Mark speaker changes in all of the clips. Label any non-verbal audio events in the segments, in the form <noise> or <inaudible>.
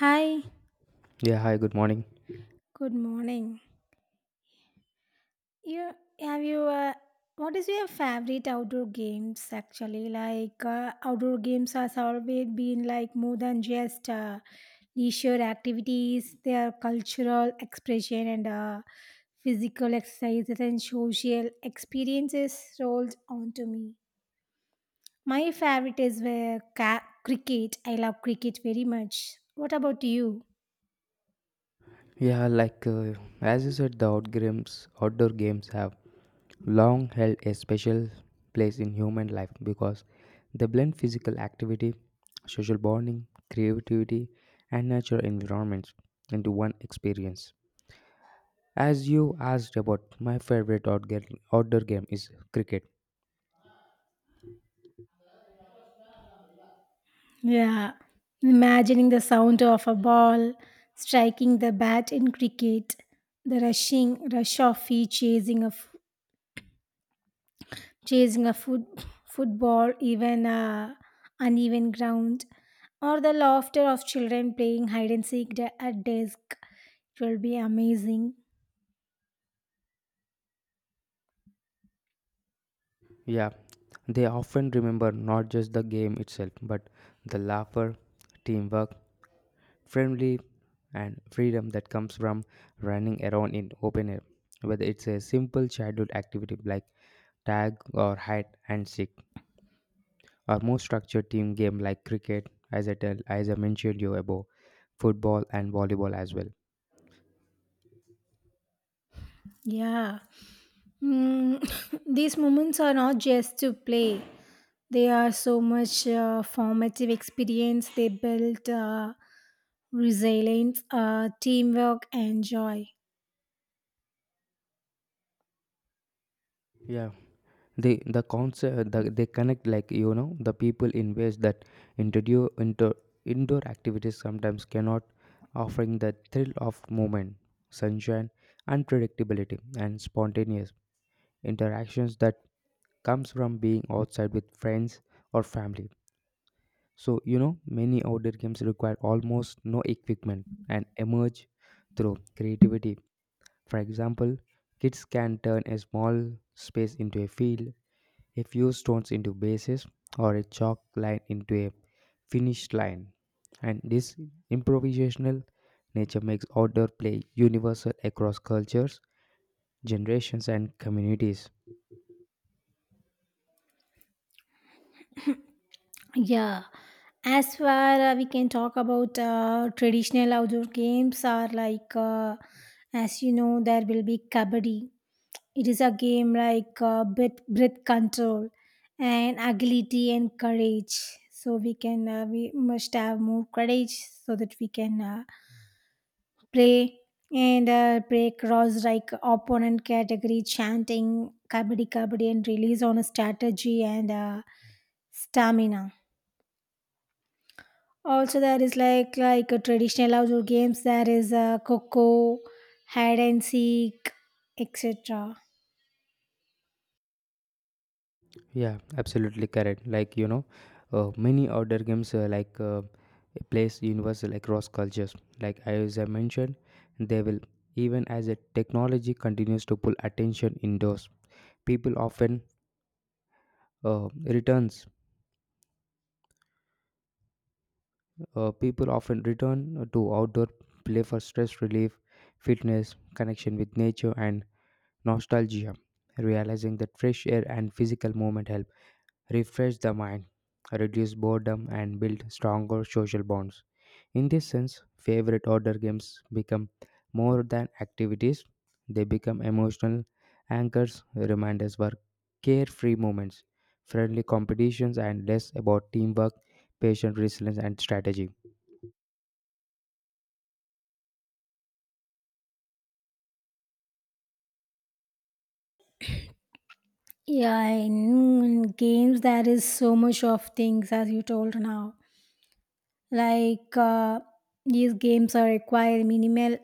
Speaker 1: Hi,
Speaker 2: Yeah, hi, good morning.
Speaker 1: good morning. You have you what is your favorite outdoor games actually? Outdoor games has always been like more than just leisure activities. They are cultural expression and physical exercises and social experiences rolled onto me. My favorite is cricket. I love cricket very much. What about you?
Speaker 2: Yeah, like, as you said, the outdoor games have long held a special place in human life because they blend physical activity, social bonding, creativity, and natural environments into one experience. As you asked about, my favorite outdoor game is cricket.
Speaker 1: Yeah, imagining the sound of a ball striking the bat in cricket, the rush of feet chasing a foot, football, even a uneven ground, or the laughter of children playing hide and seek at desk. It will be amazing.
Speaker 2: Yeah, they often remember not just the game itself, but the laughter, teamwork, friendly and freedom that comes from running around in open air, whether it's a simple childhood activity like tag or hide and seek, or more structured team game like cricket, as I mentioned you above, football and volleyball as well.
Speaker 1: Yeah. Mm, <laughs> these moments are not just to play. They are so much formative experience. They build resilience, teamwork, and joy.
Speaker 2: Yeah, they connect, like, the people in ways that introduce into indoor activities sometimes cannot, offering the thrill of movement, sunshine, unpredictability and spontaneous interactions that comes from being outside with friends or family. So, many outdoor games require almost no equipment and emerge through creativity. For example, kids can turn a small space into a field, a few stones into bases, or a chalk line into a finished line. And this improvisational nature makes outdoor play universal across cultures, generations, and communities.
Speaker 1: Yeah, as far we can talk about traditional outdoor games are like, as you know, there will be kabaddi. It is a game like breath control and agility and courage. So we must have more courage so that we can play and play cross like opponent category chanting kabaddi kabaddi and release on a strategy and stamina. Also, there is like a traditional outdoor games. There is coco, hide and seek, etc.
Speaker 2: Yeah, absolutely correct. Like, many outdoor games like plays universal across cultures. Like as I mentioned, they will even as a technology continues to pull attention indoors. People often returns. People often return to outdoor play for stress relief, fitness, connection with nature, and nostalgia. Realizing that fresh air and physical movement help refresh the mind, reduce boredom, and build stronger social bonds. In this sense, favorite order games become more than activities, they become emotional anchors, reminders for carefree moments, friendly competitions, and less about teamwork, patient resilience, and strategy.
Speaker 1: Yeah, in games there is so much of things as you told now. Like uh, these games are require minimal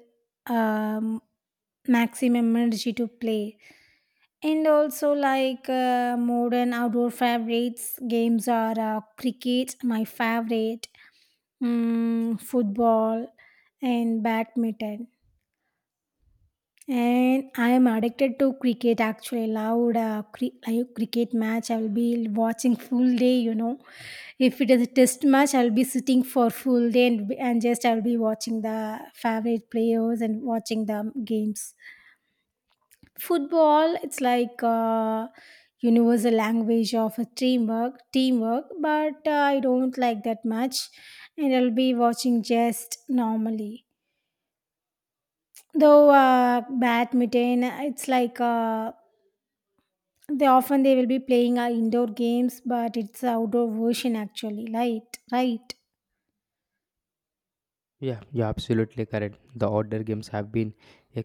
Speaker 1: um, maximum energy to play. And also, modern outdoor favorites, games are cricket, my favorite, mm, football, and badminton. And I am addicted to cricket actually. Loud cricket match, I will be watching full day, you know. If it is a test match, I will be sitting for full day and just I will be watching the favorite players and watching the games. Football it's like a universal language of a teamwork but I don't like that much, and I'll be watching just normally. Though badminton it's like they often they will be playing indoor games but it's outdoor version actually, right, right?
Speaker 2: Yeah, you're absolutely correct. The order games have been a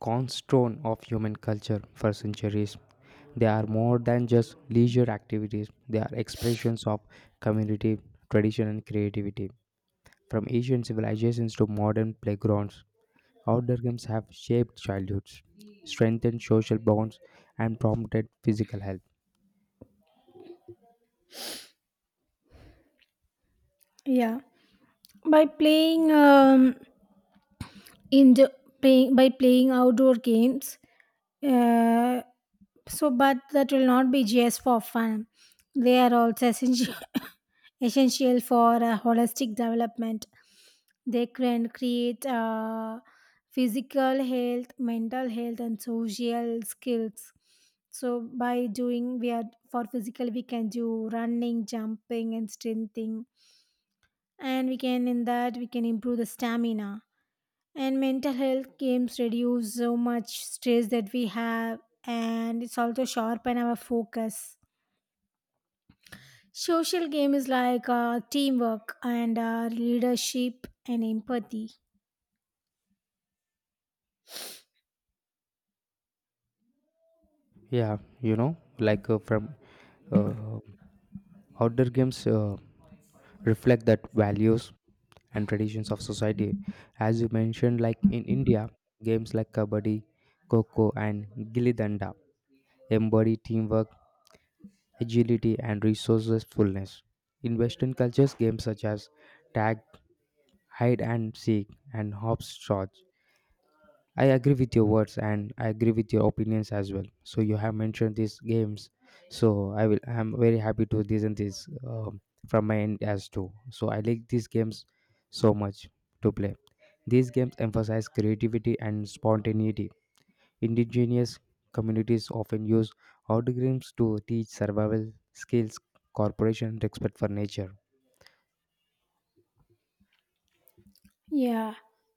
Speaker 2: cornerstone of human culture for centuries. They are more than just leisure activities, they are expressions of community, tradition, and creativity. From ancient civilizations to modern playgrounds, outdoor games have shaped childhoods, strengthened social bonds, and promoted physical health.
Speaker 1: Yeah, by playing in the playing by playing outdoor games uh, so, but that will not be just for fun. They are also essential, <laughs> <coughs> essential for holistic development. They can create physical health, mental health, and social skills. So, by doing, we are for physical, we can do running, jumping, and strengthening. And we can, in that, we can improve the stamina and mental health games reduce so much stress that we have, and it's also sharpen our focus. Social game is like teamwork and leadership and empathy.
Speaker 2: Yeah, like, from uh, outdoor games reflect that values and traditions of society. As you mentioned, like in India, games like kabaddi, kho and gilli danda embody teamwork, agility, and resourcefulness. In Western cultures, games such as tag, hide and seek, and hopscotch. I agree with your words and I agree with your opinions as well. So you have mentioned these games, so I'm very happy to listen this, from my end as too. So I like these games so much to play. These games emphasize creativity and spontaneity. Indigenous communities often use outdoor games to teach survival skills, cooperation, and respect for nature.
Speaker 1: Yeah,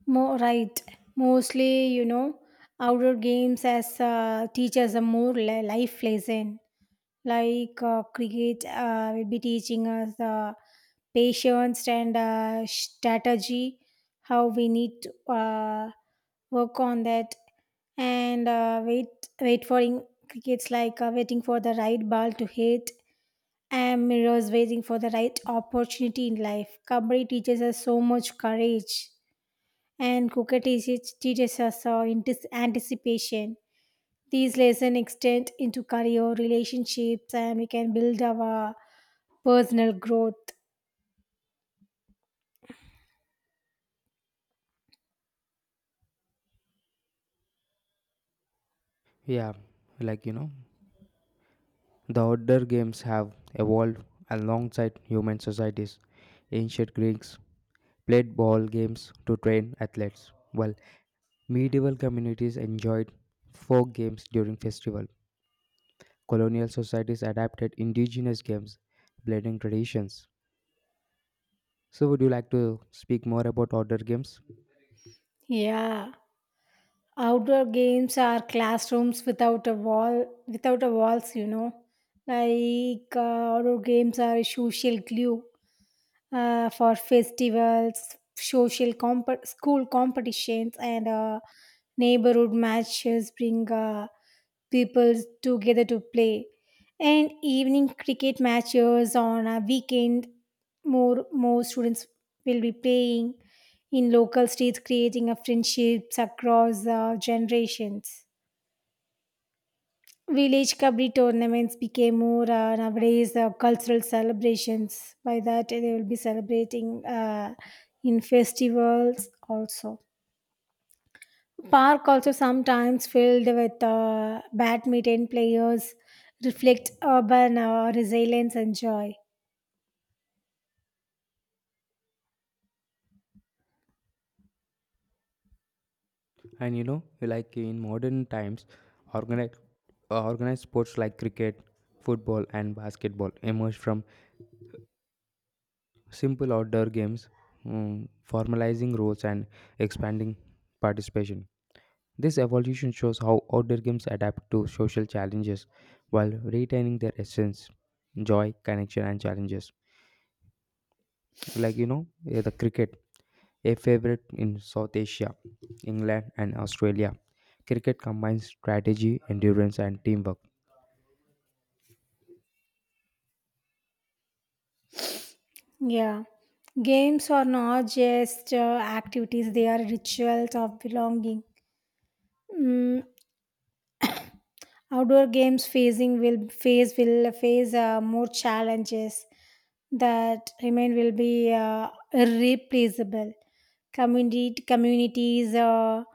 Speaker 1: more right. Mostly, you know, outdoor games as teachers are more life lesson. Cricket will be teaching us. Patience and strategy, how we need to work on that and wait for in crickets like waiting for the right ball to hit, and mirrors waiting for the right opportunity in life. Kabaddi teaches us so much courage, and cricket teaches us anticipation. These lessons extend into career relationships and we can build our personal growth.
Speaker 2: Yeah, like, the outdoor games have evolved alongside human societies. Ancient Greeks played ball games to train athletes, while medieval communities enjoyed folk games during festival. Colonial societies adapted indigenous games, blending traditions. So would you like to speak more about outdoor games?
Speaker 1: Yeah, outdoor games are classrooms without a wall, without a walls, you know. Like uh, outdoor games are a social glue for festivals, school competitions, and neighborhood matches bring people together to play. And evening cricket matches on a weekend, more students will be playing in local streets, creating a friendships across generations. Village kabaddi tournaments became more nowadays cultural celebrations. By that, they will be celebrating in festivals also. Park also sometimes filled with badminton players reflect urban resilience and joy.
Speaker 2: And you know, like in modern times, organized organized sports like cricket, football and basketball emerged from simple outdoor games, formalizing roles and expanding participation. This evolution shows how outdoor games adapt to social challenges while retaining their essence, joy, connection, and challenges. Like, the cricket, a favorite in South Asia, England, and Australia. Cricket combines strategy, endurance, and teamwork.
Speaker 1: Yeah. Games are not just activities, they are rituals of belonging. Mm, Outdoor games phasing will phase will face more challenges that remain will be irreplaceable. Community communities are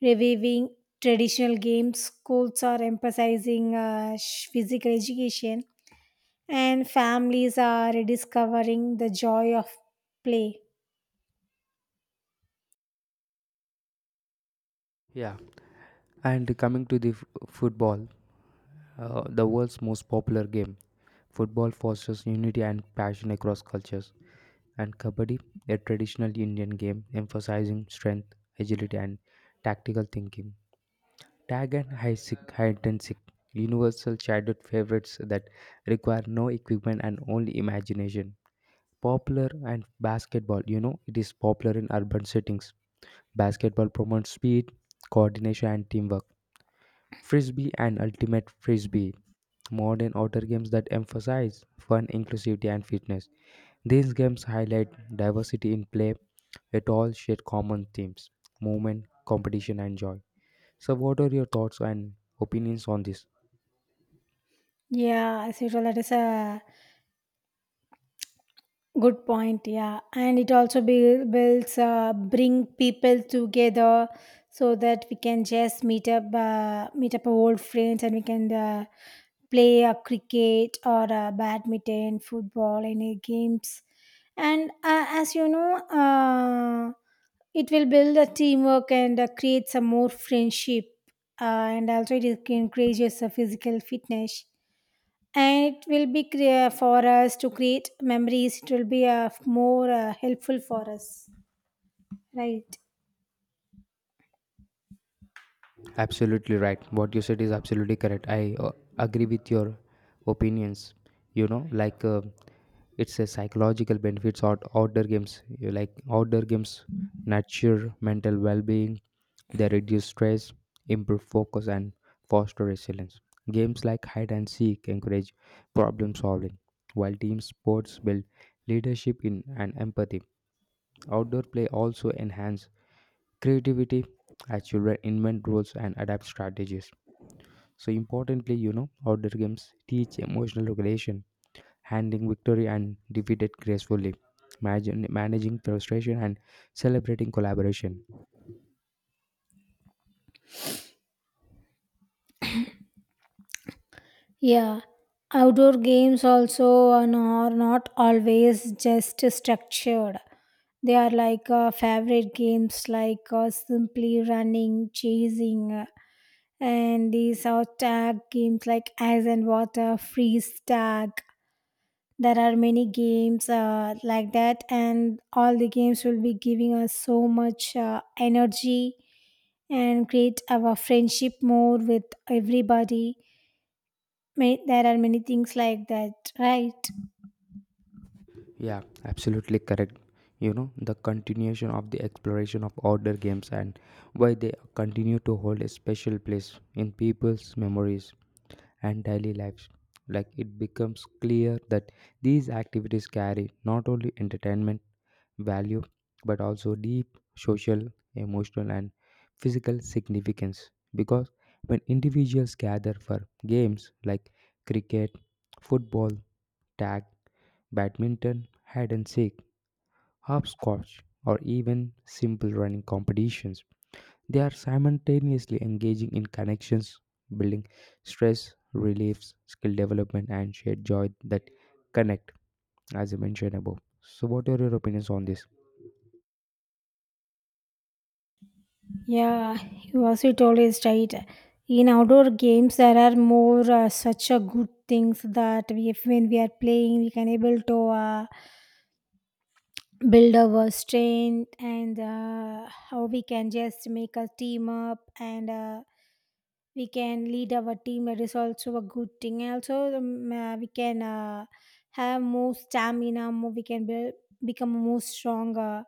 Speaker 1: reviving traditional games. Schools are emphasizing physical education, and families are rediscovering the joy of play.
Speaker 2: Yeah. And coming to the football, the world's most popular game. Football fosters unity and passion across cultures, and Kabaddi, a traditional Indian game emphasizing strength, agility, and tactical thinking. Tag and high sick, high intensic, universal childhood favorites that require no equipment and only imagination. Popular and basketball, you know, it is popular in urban settings. Basketball promotes speed, coordination, and teamwork. Frisbee and ultimate frisbee, modern outdoor games that emphasize fun, inclusivity, and fitness. These games highlight diversity in play, yet all share common themes, movement, competition, and joy. So, what are your thoughts and opinions on this?
Speaker 1: Yeah, as usual, that is a good point, yeah. And it also builds, bring people together so that we can just meet up our old friends and we can play a cricket or badminton, football, any games. And as you know, it will build a teamwork and create some more friendship. And also it encourages a physical fitness and it will be for us to create memories. It will be more helpful for us, right?
Speaker 2: Absolutely right. What you said is absolutely correct. I agree with your opinions. You know, like, it's a psychological benefits outdoor games. You like outdoor games nurture mental well-being. They reduce stress, improve focus, and foster resilience. Games like hide and seek encourage problem solving, while team sports build leadership in and empathy. Outdoor play also enhance creativity as children invent rules and adapt strategies. So importantly, you know, outdoor games teach emotional regulation, handling victory and defeat gracefully, managing frustration and celebrating collaboration.
Speaker 1: Yeah, outdoor games also are not always just structured. They are like favorite games like simply running, chasing, and these are tag games like ice and water, freeze tag, there are many games like that and all the games will be giving us so much energy and create our friendship more with everybody. May, there are many things like that, right?
Speaker 2: Yeah, absolutely correct. You know, the continuation of the exploration of outdoor games and why they continue to hold a special place in people's memories and daily lives. Like it becomes clear that these activities carry not only entertainment value but also deep social, emotional, and physical significance. Because when individuals gather for games like cricket, football, tag, badminton, hide and seek, hopscotch, or even simple running competitions. They are simultaneously engaging in connections, building stress, reliefs, skill development, and shared joy that connect, as I mentioned above. So, what are your opinions on this?
Speaker 1: Yeah, you also told is right. In outdoor games there are more such a good things that we, if when we are playing we can able to build our strength and how we can just make a team up and we can lead our team. That is also a good thing and also we can have more stamina more we can become more stronger,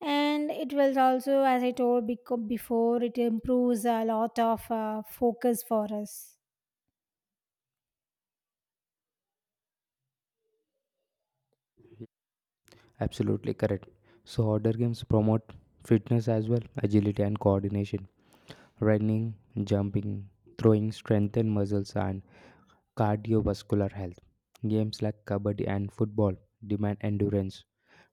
Speaker 1: and it will also as I told before it improves a lot of focus for us.
Speaker 2: Absolutely correct. So, outdoor games promote fitness as well, agility and coordination. Running, jumping, throwing strengthen muscles and cardiovascular health. Games like kabaddi and football demand endurance,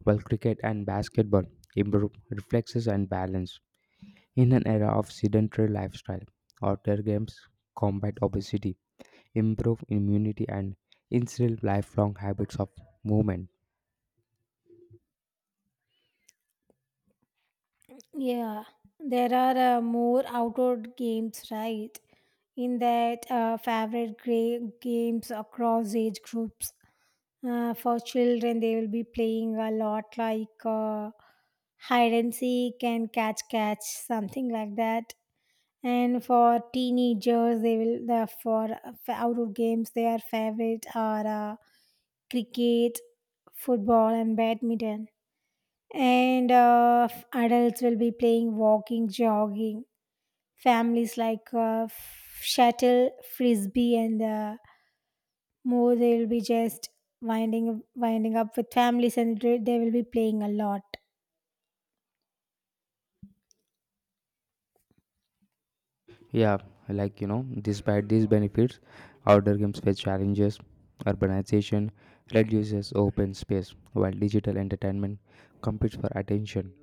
Speaker 2: while cricket and basketball improve reflexes and balance. In an era of sedentary lifestyle, outdoor games combat obesity, improve immunity, and instill lifelong habits of movement.
Speaker 1: Yeah, there are more outdoor games, right? In that, favorite games across age groups. For children, they will be playing a lot like hide and seek and catch catch, something like that. And for teenagers, they will the for outdoor games, their favorite are cricket, football, and badminton, and adults will be playing walking jogging. Families like shuttle frisbee and more they will be just winding up with families and they will be playing a lot.
Speaker 2: Yeah, like, despite these benefits, outdoor games face challenges. Urbanization reduces open space, while digital entertainment competes for attention,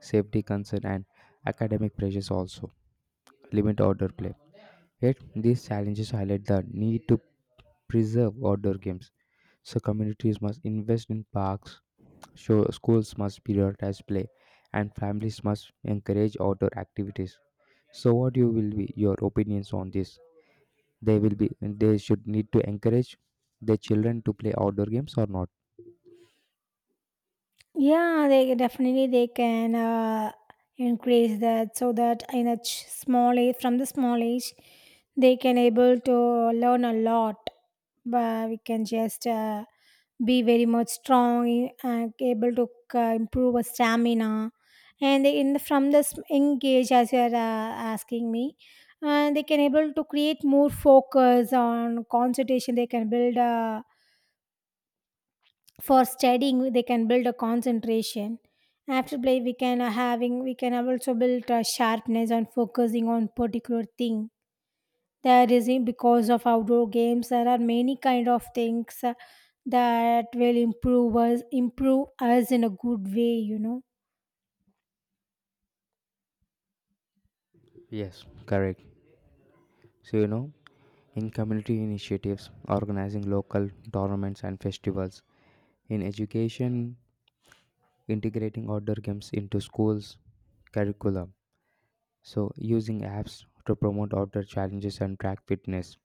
Speaker 2: safety concern, and academic pressures also limit outdoor play. Yet, these challenges highlight the need to preserve outdoor games. So, communities must invest in parks, schools must prioritize play, and families must encourage outdoor activities. So, what you will be your opinions on this? They will be, they should need to encourage their children to play outdoor games or not.
Speaker 1: Yeah, they definitely they can increase that so that in a small age, from the small age they can able to learn a lot. But we can just be very much strong, eh, and able to improve our stamina. And they, in the, from this engage as you are asking me, they can able to create more focus on concentration. They can build. For studying they can build a concentration. After play we can also build a sharpness on focusing on particular thing. There is because of outdoor games there are many kind of things that will improve us in a good way, you know.
Speaker 2: Yes, correct. So, in community initiatives, organizing local tournaments and festivals, in education, integrating outdoor games into schools curriculum, so using apps to promote outdoor challenges and track fitness,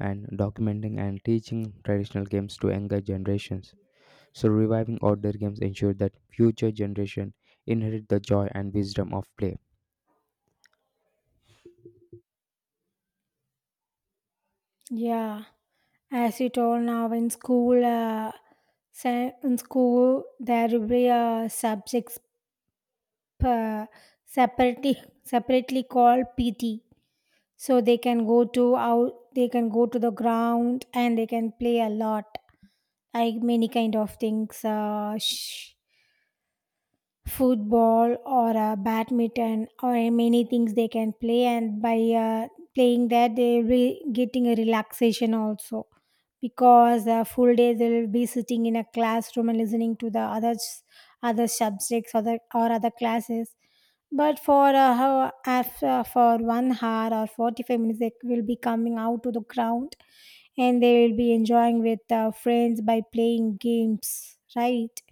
Speaker 2: and documenting and teaching traditional games to younger generations. So reviving outdoor games ensure that future generation inherit the joy and wisdom of play.
Speaker 1: Yeah, as you told now, in school in school there will be a subjects uh, separately, separately called PT, so they can go to out they can go to the ground and they can play a lot, like many kind of things football or badminton or many things they can play. And by playing that they will getting a relaxation also, because full day they will be sitting in a classroom and listening to the other subjects other or other classes. But for how after for 1 hour or 45 minutes they will be coming out to the ground and they will be enjoying with friends by playing games, right?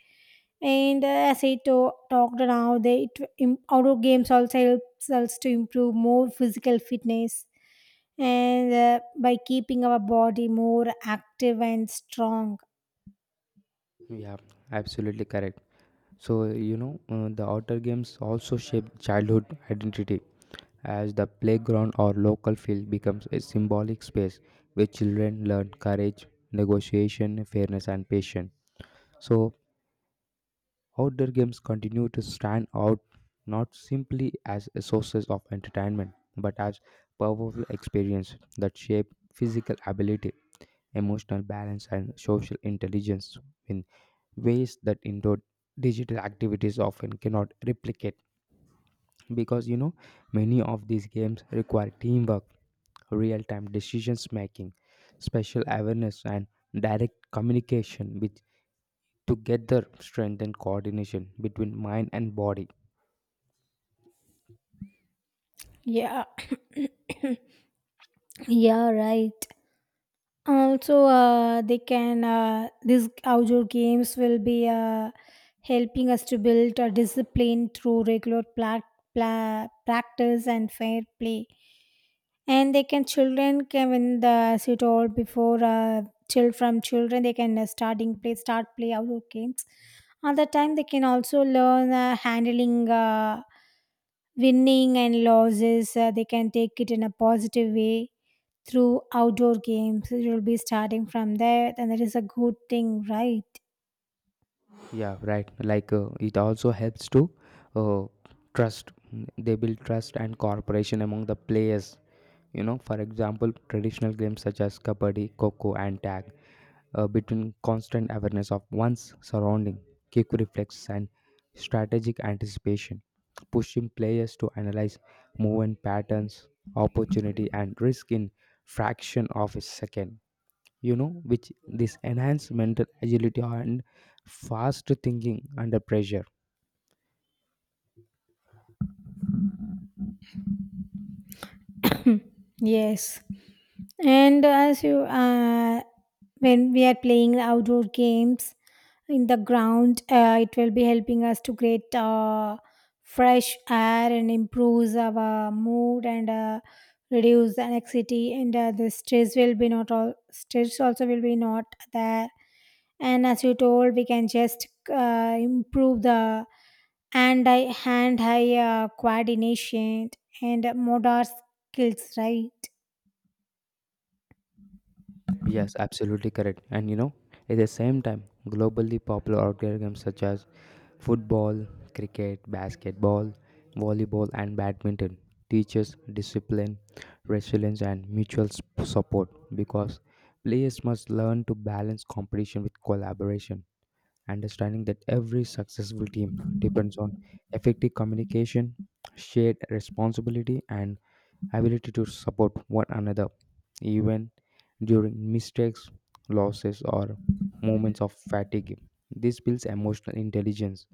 Speaker 1: And as I talked now, they it, outdoor games also helps us to improve more physical fitness, and by keeping our body more active and strong.
Speaker 2: Yeah, absolutely correct. So, the outdoor games also shape childhood identity, as the playground or local field becomes a symbolic space where children learn courage, negotiation, fairness, and patience. So, outdoor games continue to stand out not simply as a sources of entertainment but as powerful experience that shape physical ability, emotional balance, and social intelligence in ways that indoor digital activities often cannot replicate. Because you know many of these games require teamwork, real time decisions making, spatial awareness, and direct communication, which together strengthen coordination between mind and body.
Speaker 1: Yeah, <coughs> yeah, right. Also, they can these outdoor games will be helping us to build a discipline through regular practice and fair play. And they can children can when the sit all before children they can start play outdoor games. Other time they can also learn handling. Winning and losses they can take it in a positive way through outdoor games. You'll be starting from that, and that is a good thing, right?
Speaker 2: Yeah, right, like, it also helps to uh, trust, they build trust and cooperation among the players. You know, for example, traditional games such as kabaddi, coco and tag, between constant awareness of one's surrounding, quick reflex and strategic anticipation, pushing players to analyze movement patterns, opportunity and risk in fraction of a second. You know which this enhance mental agility and fast thinking under pressure.
Speaker 1: <coughs> Yes. And as you, when we are playing outdoor games, in the ground it will be helping us to create fresh air and improves our mood and reduce the anxiety and the stress will be not, all stress also will be not there. And as you told we can just improve the hand eye coordination and motor skills, right?
Speaker 2: Yes, absolutely correct. And you know, at the same time, globally popular outdoor games such as football, cricket, basketball, volleyball and badminton teaches discipline, resilience and mutual support, because players must learn to balance competition with collaboration, understanding that every successful team depends on effective communication, shared responsibility, and ability to support one another, even during mistakes, losses, or moments of fatigue. This builds emotional intelligence,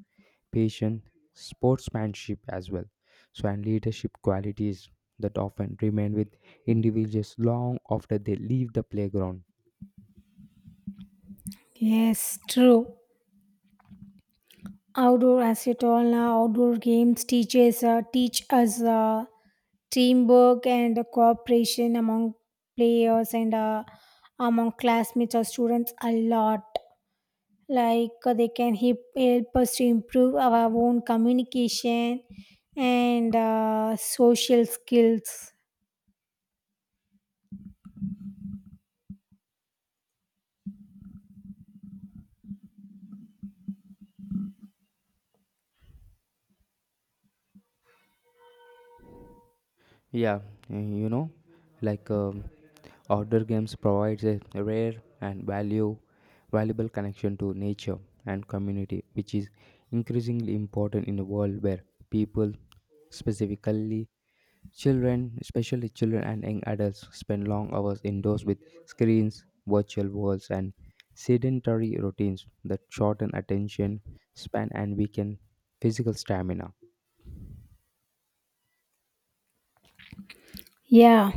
Speaker 2: patience, sportsmanship as well, so and leadership qualities that often remain with individuals long after they leave the playground.
Speaker 1: Yes, true. Outdoor, as you told now, outdoor games teaches teach us teamwork and cooperation among players and among classmates or students a lot like they can help us to improve our own communication and social skills.
Speaker 2: Yeah, you know, like. Outdoor games provides a rare and value valuable connection to nature and community, which is increasingly important in a world where people, specifically children, especially children and young adults, spend long hours indoors with screens, virtual worlds, and sedentary routines that shorten attention span and weaken physical stamina.
Speaker 1: Yeah.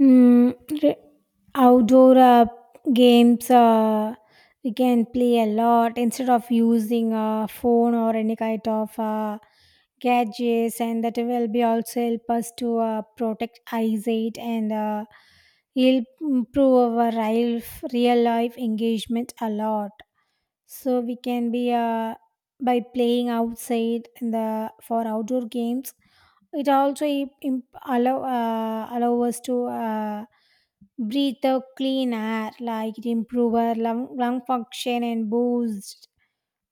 Speaker 1: Mm, re- outdoor games we can play a lot instead of using a phone or any kind of gadgets, and that will be also help us to protect eyesight and help improve our real life engagement a lot. So we can be by playing outside in the for outdoor games, it also allow allow us to breathe the clean air, like it improve our lung function, and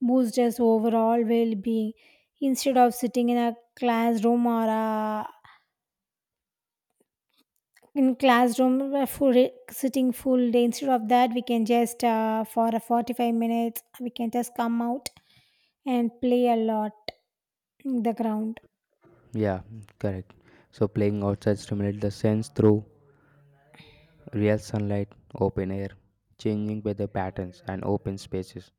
Speaker 1: boost us overall well-being instead of sitting in a classroom or a in classroom for sitting full day. Instead of that, we can just for a 45 minutes we can just come out and play a lot in the ground.
Speaker 2: Yeah, correct. So playing outside stimulates the sense through real sunlight, open air, changing weather patterns, and open spaces,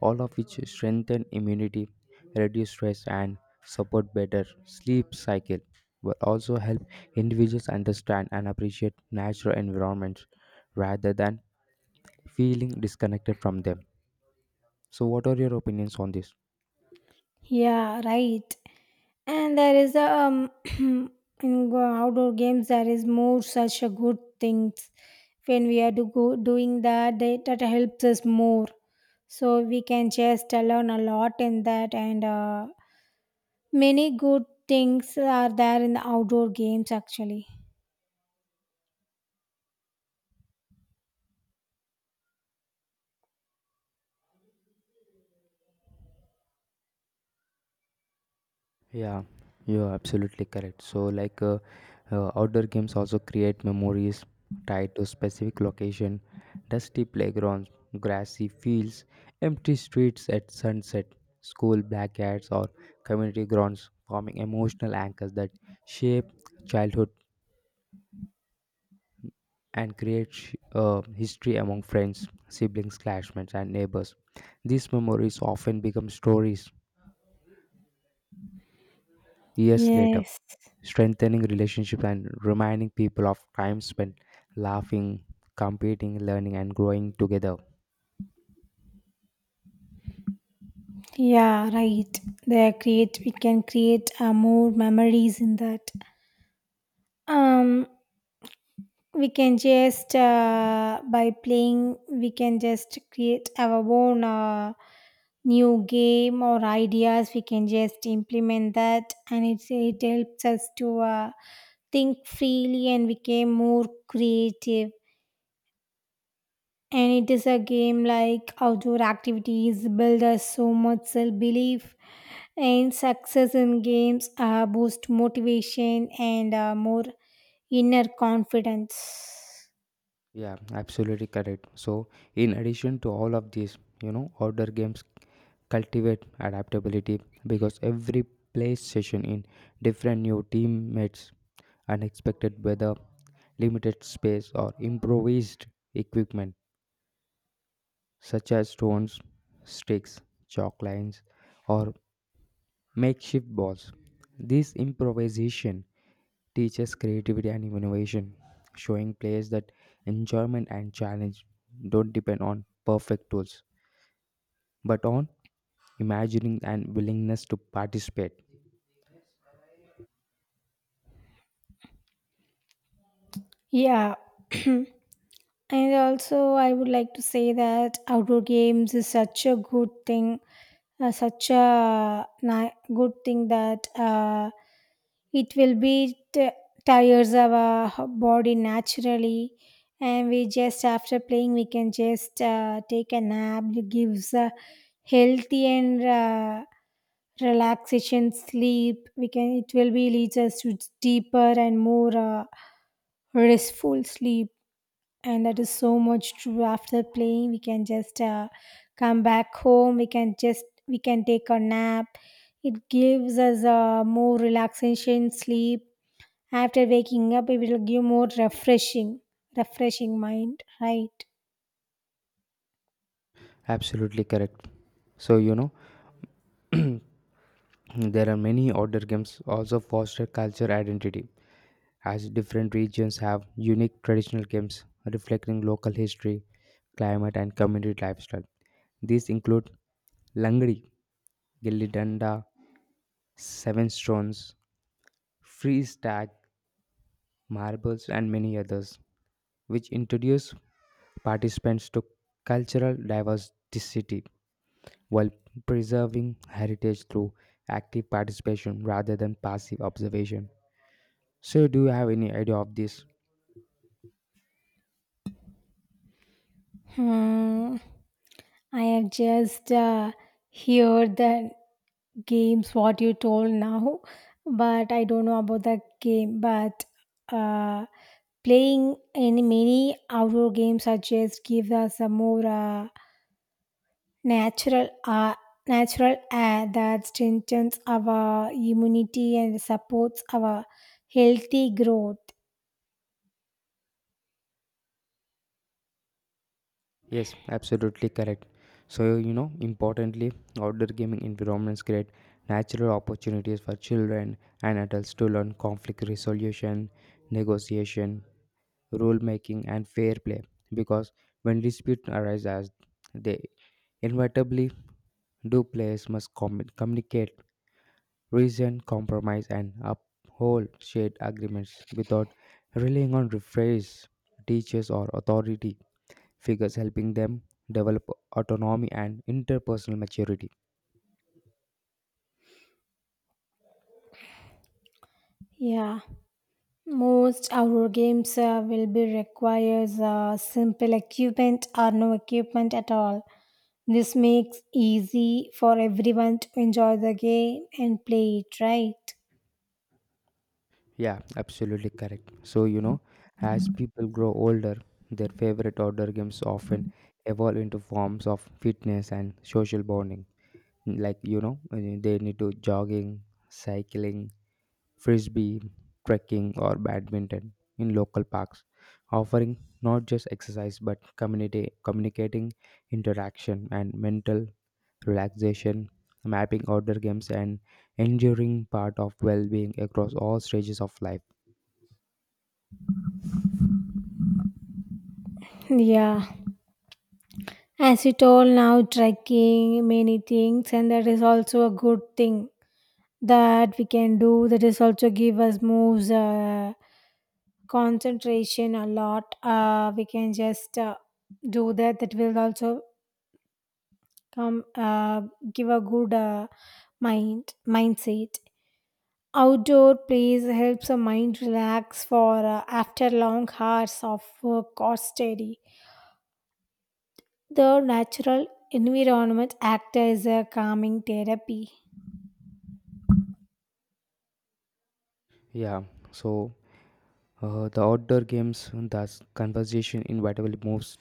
Speaker 2: all of which strengthen immunity, reduce stress, and support better sleep cycle, will also help individuals understand and appreciate natural environments rather than feeling disconnected from them. So, what are your opinions on this?
Speaker 1: Yeah, right. And there is a <clears throat> outdoor games there is more such a good things. When we are doing that helps us more. So we can just learn a lot in that, and many good things are there in the outdoor games actually.
Speaker 2: Yeah, you're absolutely correct. So, like, outdoor games also create memories tied to specific location, dusty playgrounds, grassy fields, empty streets at sunset, school blackouts, or community grounds, forming emotional anchors that shape childhood and create history among friends, siblings, classmates, and neighbors. These memories often become stories years later,
Speaker 1: Yes.
Speaker 2: strengthening relationship and reminding people of time spent laughing, competing, learning, and growing together.
Speaker 1: Yeah, right. They create. We can create more memories in that. Um, we can just by playing we can just create our own new game or ideas, we can just implement that, and it helps us to think freely and become more creative. And it is a game, like outdoor activities build us so much self-belief, and success in games boost motivation and more inner confidence.
Speaker 2: Yeah, absolutely correct. So in addition to all of these, you know, outdoor games cultivate adaptability because every play session in different new teammates, unexpected weather, limited space, or improvised equipment such as stones, sticks, chalk lines, or makeshift balls. This improvisation teaches creativity and innovation, showing players that enjoyment and challenge don't depend on perfect tools, but on imagining and willingness to participate.
Speaker 1: Yeah. <clears throat> And also, I would like to say that outdoor games is such a good thing, such a good thing that it will be tires our body naturally, and we just after playing we can just take a nap. It gives a healthy and relaxation sleep. We can it will be leads us to deeper and more restful sleep. And that is so much true, after playing we can just come back home, we can take a nap. It gives us a more relaxation sleep. After waking up, it will give more refreshing mind, right?
Speaker 2: Absolutely correct. So, you know, there are many outdoor games also foster culture identity, as different regions have unique traditional games reflecting local history, climate, and community lifestyle. These include Langdi, gilli danda, seven stones, freeze tag, marbles, and many others, which introduce participants to cultural diversity while preserving heritage through active participation rather than passive observation. So, do you have any idea of this?
Speaker 1: Hmm. I have just heard the games what you told now, but I don't know about the game, but uh, playing in many outdoor games such just give us a more natural uh, natural air that strengthens our immunity and supports our healthy growth.
Speaker 2: Yes, absolutely correct. So, you know, importantly, outdoor gaming environments create natural opportunities for children and adults to learn conflict resolution, negotiation, rule making, and fair play, because when disputes arise, as they inevitably do, players must communicate, reason, compromise, and uphold shared agreements without relying on referees, teachers, or authority figures, helping them develop autonomy and interpersonal maturity.
Speaker 1: Yeah, most outdoor games will be requires simple equipment or no equipment at all. This makes easy for everyone to enjoy the game and play it right.
Speaker 2: Yeah, absolutely correct. So, you know, as people grow older, their favorite outdoor games often evolve into forms of fitness and social bonding, like, you know, they need to jogging, cycling, frisbee, trekking, or badminton in local parks, offering not just exercise but community communicating, interaction, and mental relaxation, mapping outdoor games and enduring part of well-being across all stages of life.
Speaker 1: Yeah. As you told now, trekking many things, and that is also a good thing that we can do. That is also give us moves, concentration a lot. We can just do that. That will also come give a good mindset. Outdoor plays helps a mind relax for after long hours of work or study. The natural environment act as a calming therapy.
Speaker 2: Yeah, so the outdoor games thus conversation inevitably moves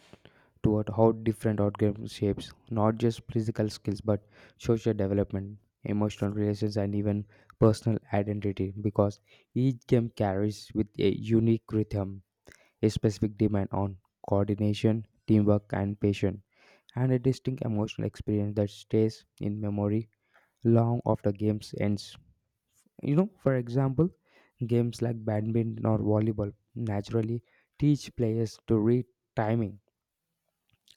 Speaker 2: toward how different art games shapes not just physical skills but social development, emotional relations, and even personal identity, because each game carries with a unique rhythm, a specific demand on coordination, teamwork, and patience, and a distinct emotional experience that stays in memory long after games ends. You know, for example, games like badminton or volleyball naturally teach players to read timing,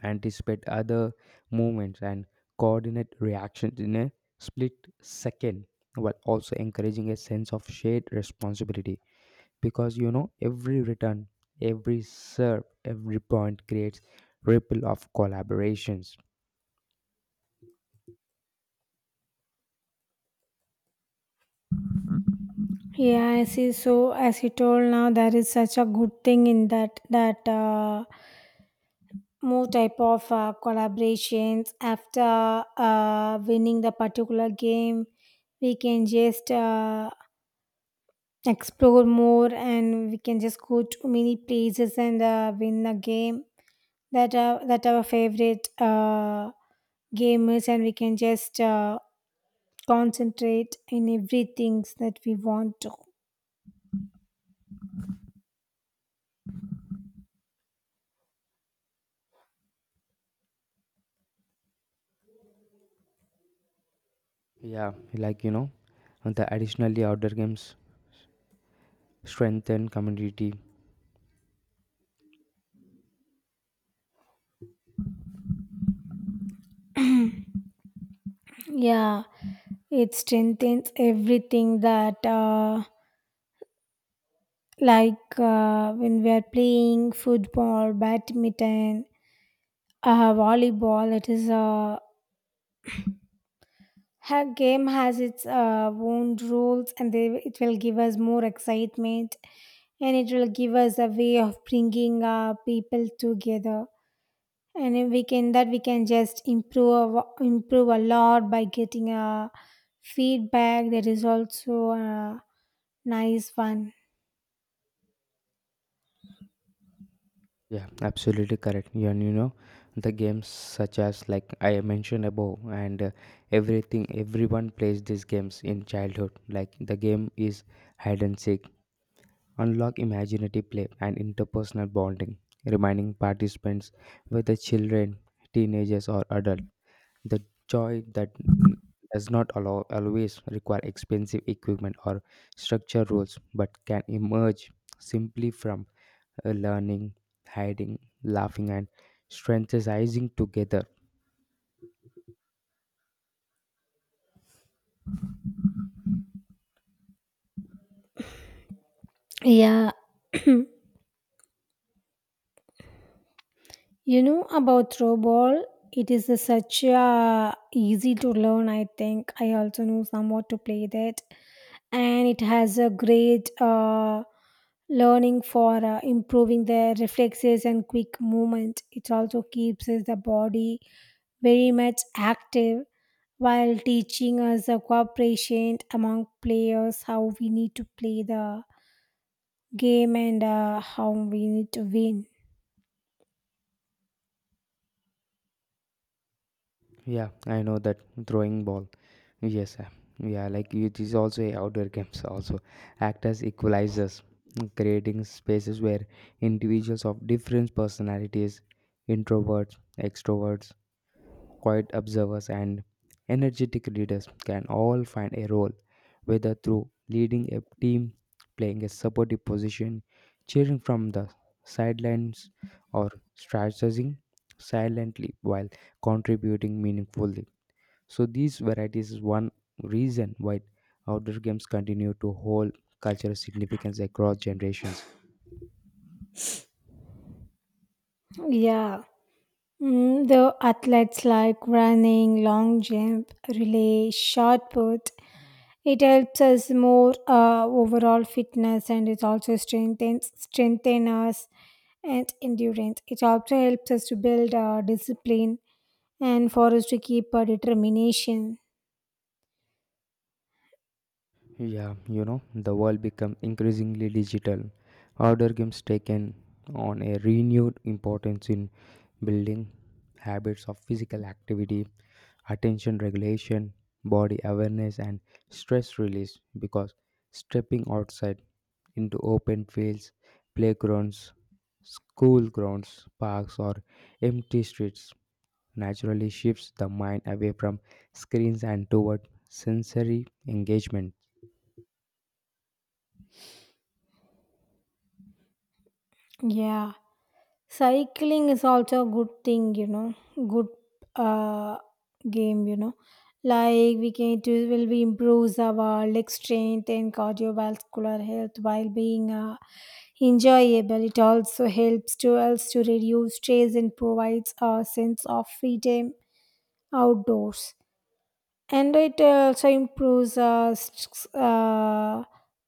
Speaker 2: anticipate other movements, and coordinate reactions in a split second, while also encouraging a sense of shared responsibility, because, you know, every return, every serve, every point creates ripple of collaborations.
Speaker 1: Yeah, I see. So, as you told now, there is such a good thing in that that more type of collaborations after winning the particular game, we can just explore more, and we can just go to many places and win a game that that our favorite game is, and we can just concentrate in everything that we want to.
Speaker 2: Yeah, like, you know, and the additionally outdoor games strengthen community.
Speaker 1: Yeah. It strengthens everything that, like when we are playing football, badminton, volleyball, it is a game has its own rules, and it will give us more excitement, and it will give us a way of bringing people together. And if we can that we can just improve a lot by getting a feedback. That is also a nice one.
Speaker 2: Yeah, absolutely correct. Yeah, and you know, the games such as like I mentioned above, and everything everyone plays these games in childhood. Like the game is hide and seek, unlock imaginative play and interpersonal bonding, reminding participants whether children, teenagers, or adults. The joy that n- does not allow, always require expensive equipment or structure rules, but can emerge simply from learning, hiding, laughing, and strategizing together.
Speaker 1: Yeah. <clears throat> You know about throw ball. It is a such a easy to learn. I think I also know somewhat to play that, and it has a great learning for improving the reflexes and quick movement. It also keeps us the body very much active while teaching us the cooperation among players, how we need to play the game and how we need to win.
Speaker 2: Yeah, I know that throwing ball. Yes, yeah, like it is also a outdoor games also act as equalizers, creating spaces where individuals of different personalities, introverts, extroverts, quiet observers, and energetic leaders can all find a role, whether through leading a team, playing a supportive position, cheering from the sidelines, or strategizing silently while contributing meaningfully. So these varieties is one reason why outdoor games continue to hold cultural significance across generations.
Speaker 1: Yeah. Mm, the athletes like running, long jump, relay, shot put. It helps us more overall fitness, and it also strengthen us and endurance. It also helps us to build our discipline and for us to keep our determination.
Speaker 2: Yeah, you know, the world become increasingly digital. Outdoor games taken on a renewed importance in building habits of physical activity, attention regulation, body awareness, and stress release, because stepping outside into open fields, playgrounds, school grounds, parks, or empty streets naturally shifts the mind away from screens and toward sensory engagement.
Speaker 1: Yeah. Cycling is also a good thing, you know, good uh, game, you know. Like we can it will be improves our leg strength and cardiovascular health while being enjoyable. It also helps to us to reduce stress and provides a sense of freedom outdoors. And it also improves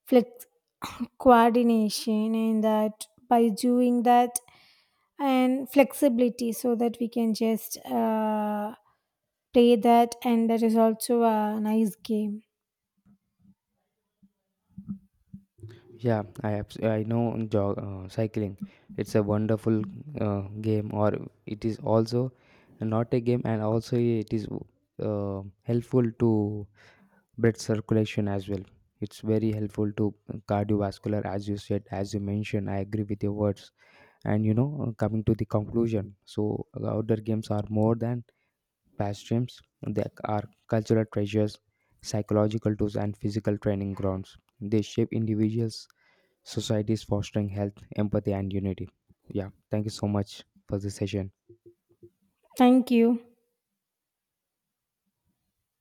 Speaker 1: flex- <coughs> coordination, and that by doing that and flexibility, so that we can just play that, and that is also a nice game.
Speaker 2: Yeah, I know jog, cycling. It's a wonderful uh, game, or it is also not a game, and also it is helpful to blood circulation as well. It's very helpful to cardiovascular, as you said, as you mentioned. I agree with your words. And you know, coming to the conclusion, so outdoor games are more than pastimes. They are cultural treasures, psychological tools, and physical training grounds. They shape individuals, societies, fostering health, empathy, and unity. Yeah, thank you so much for this session.
Speaker 1: Thank you.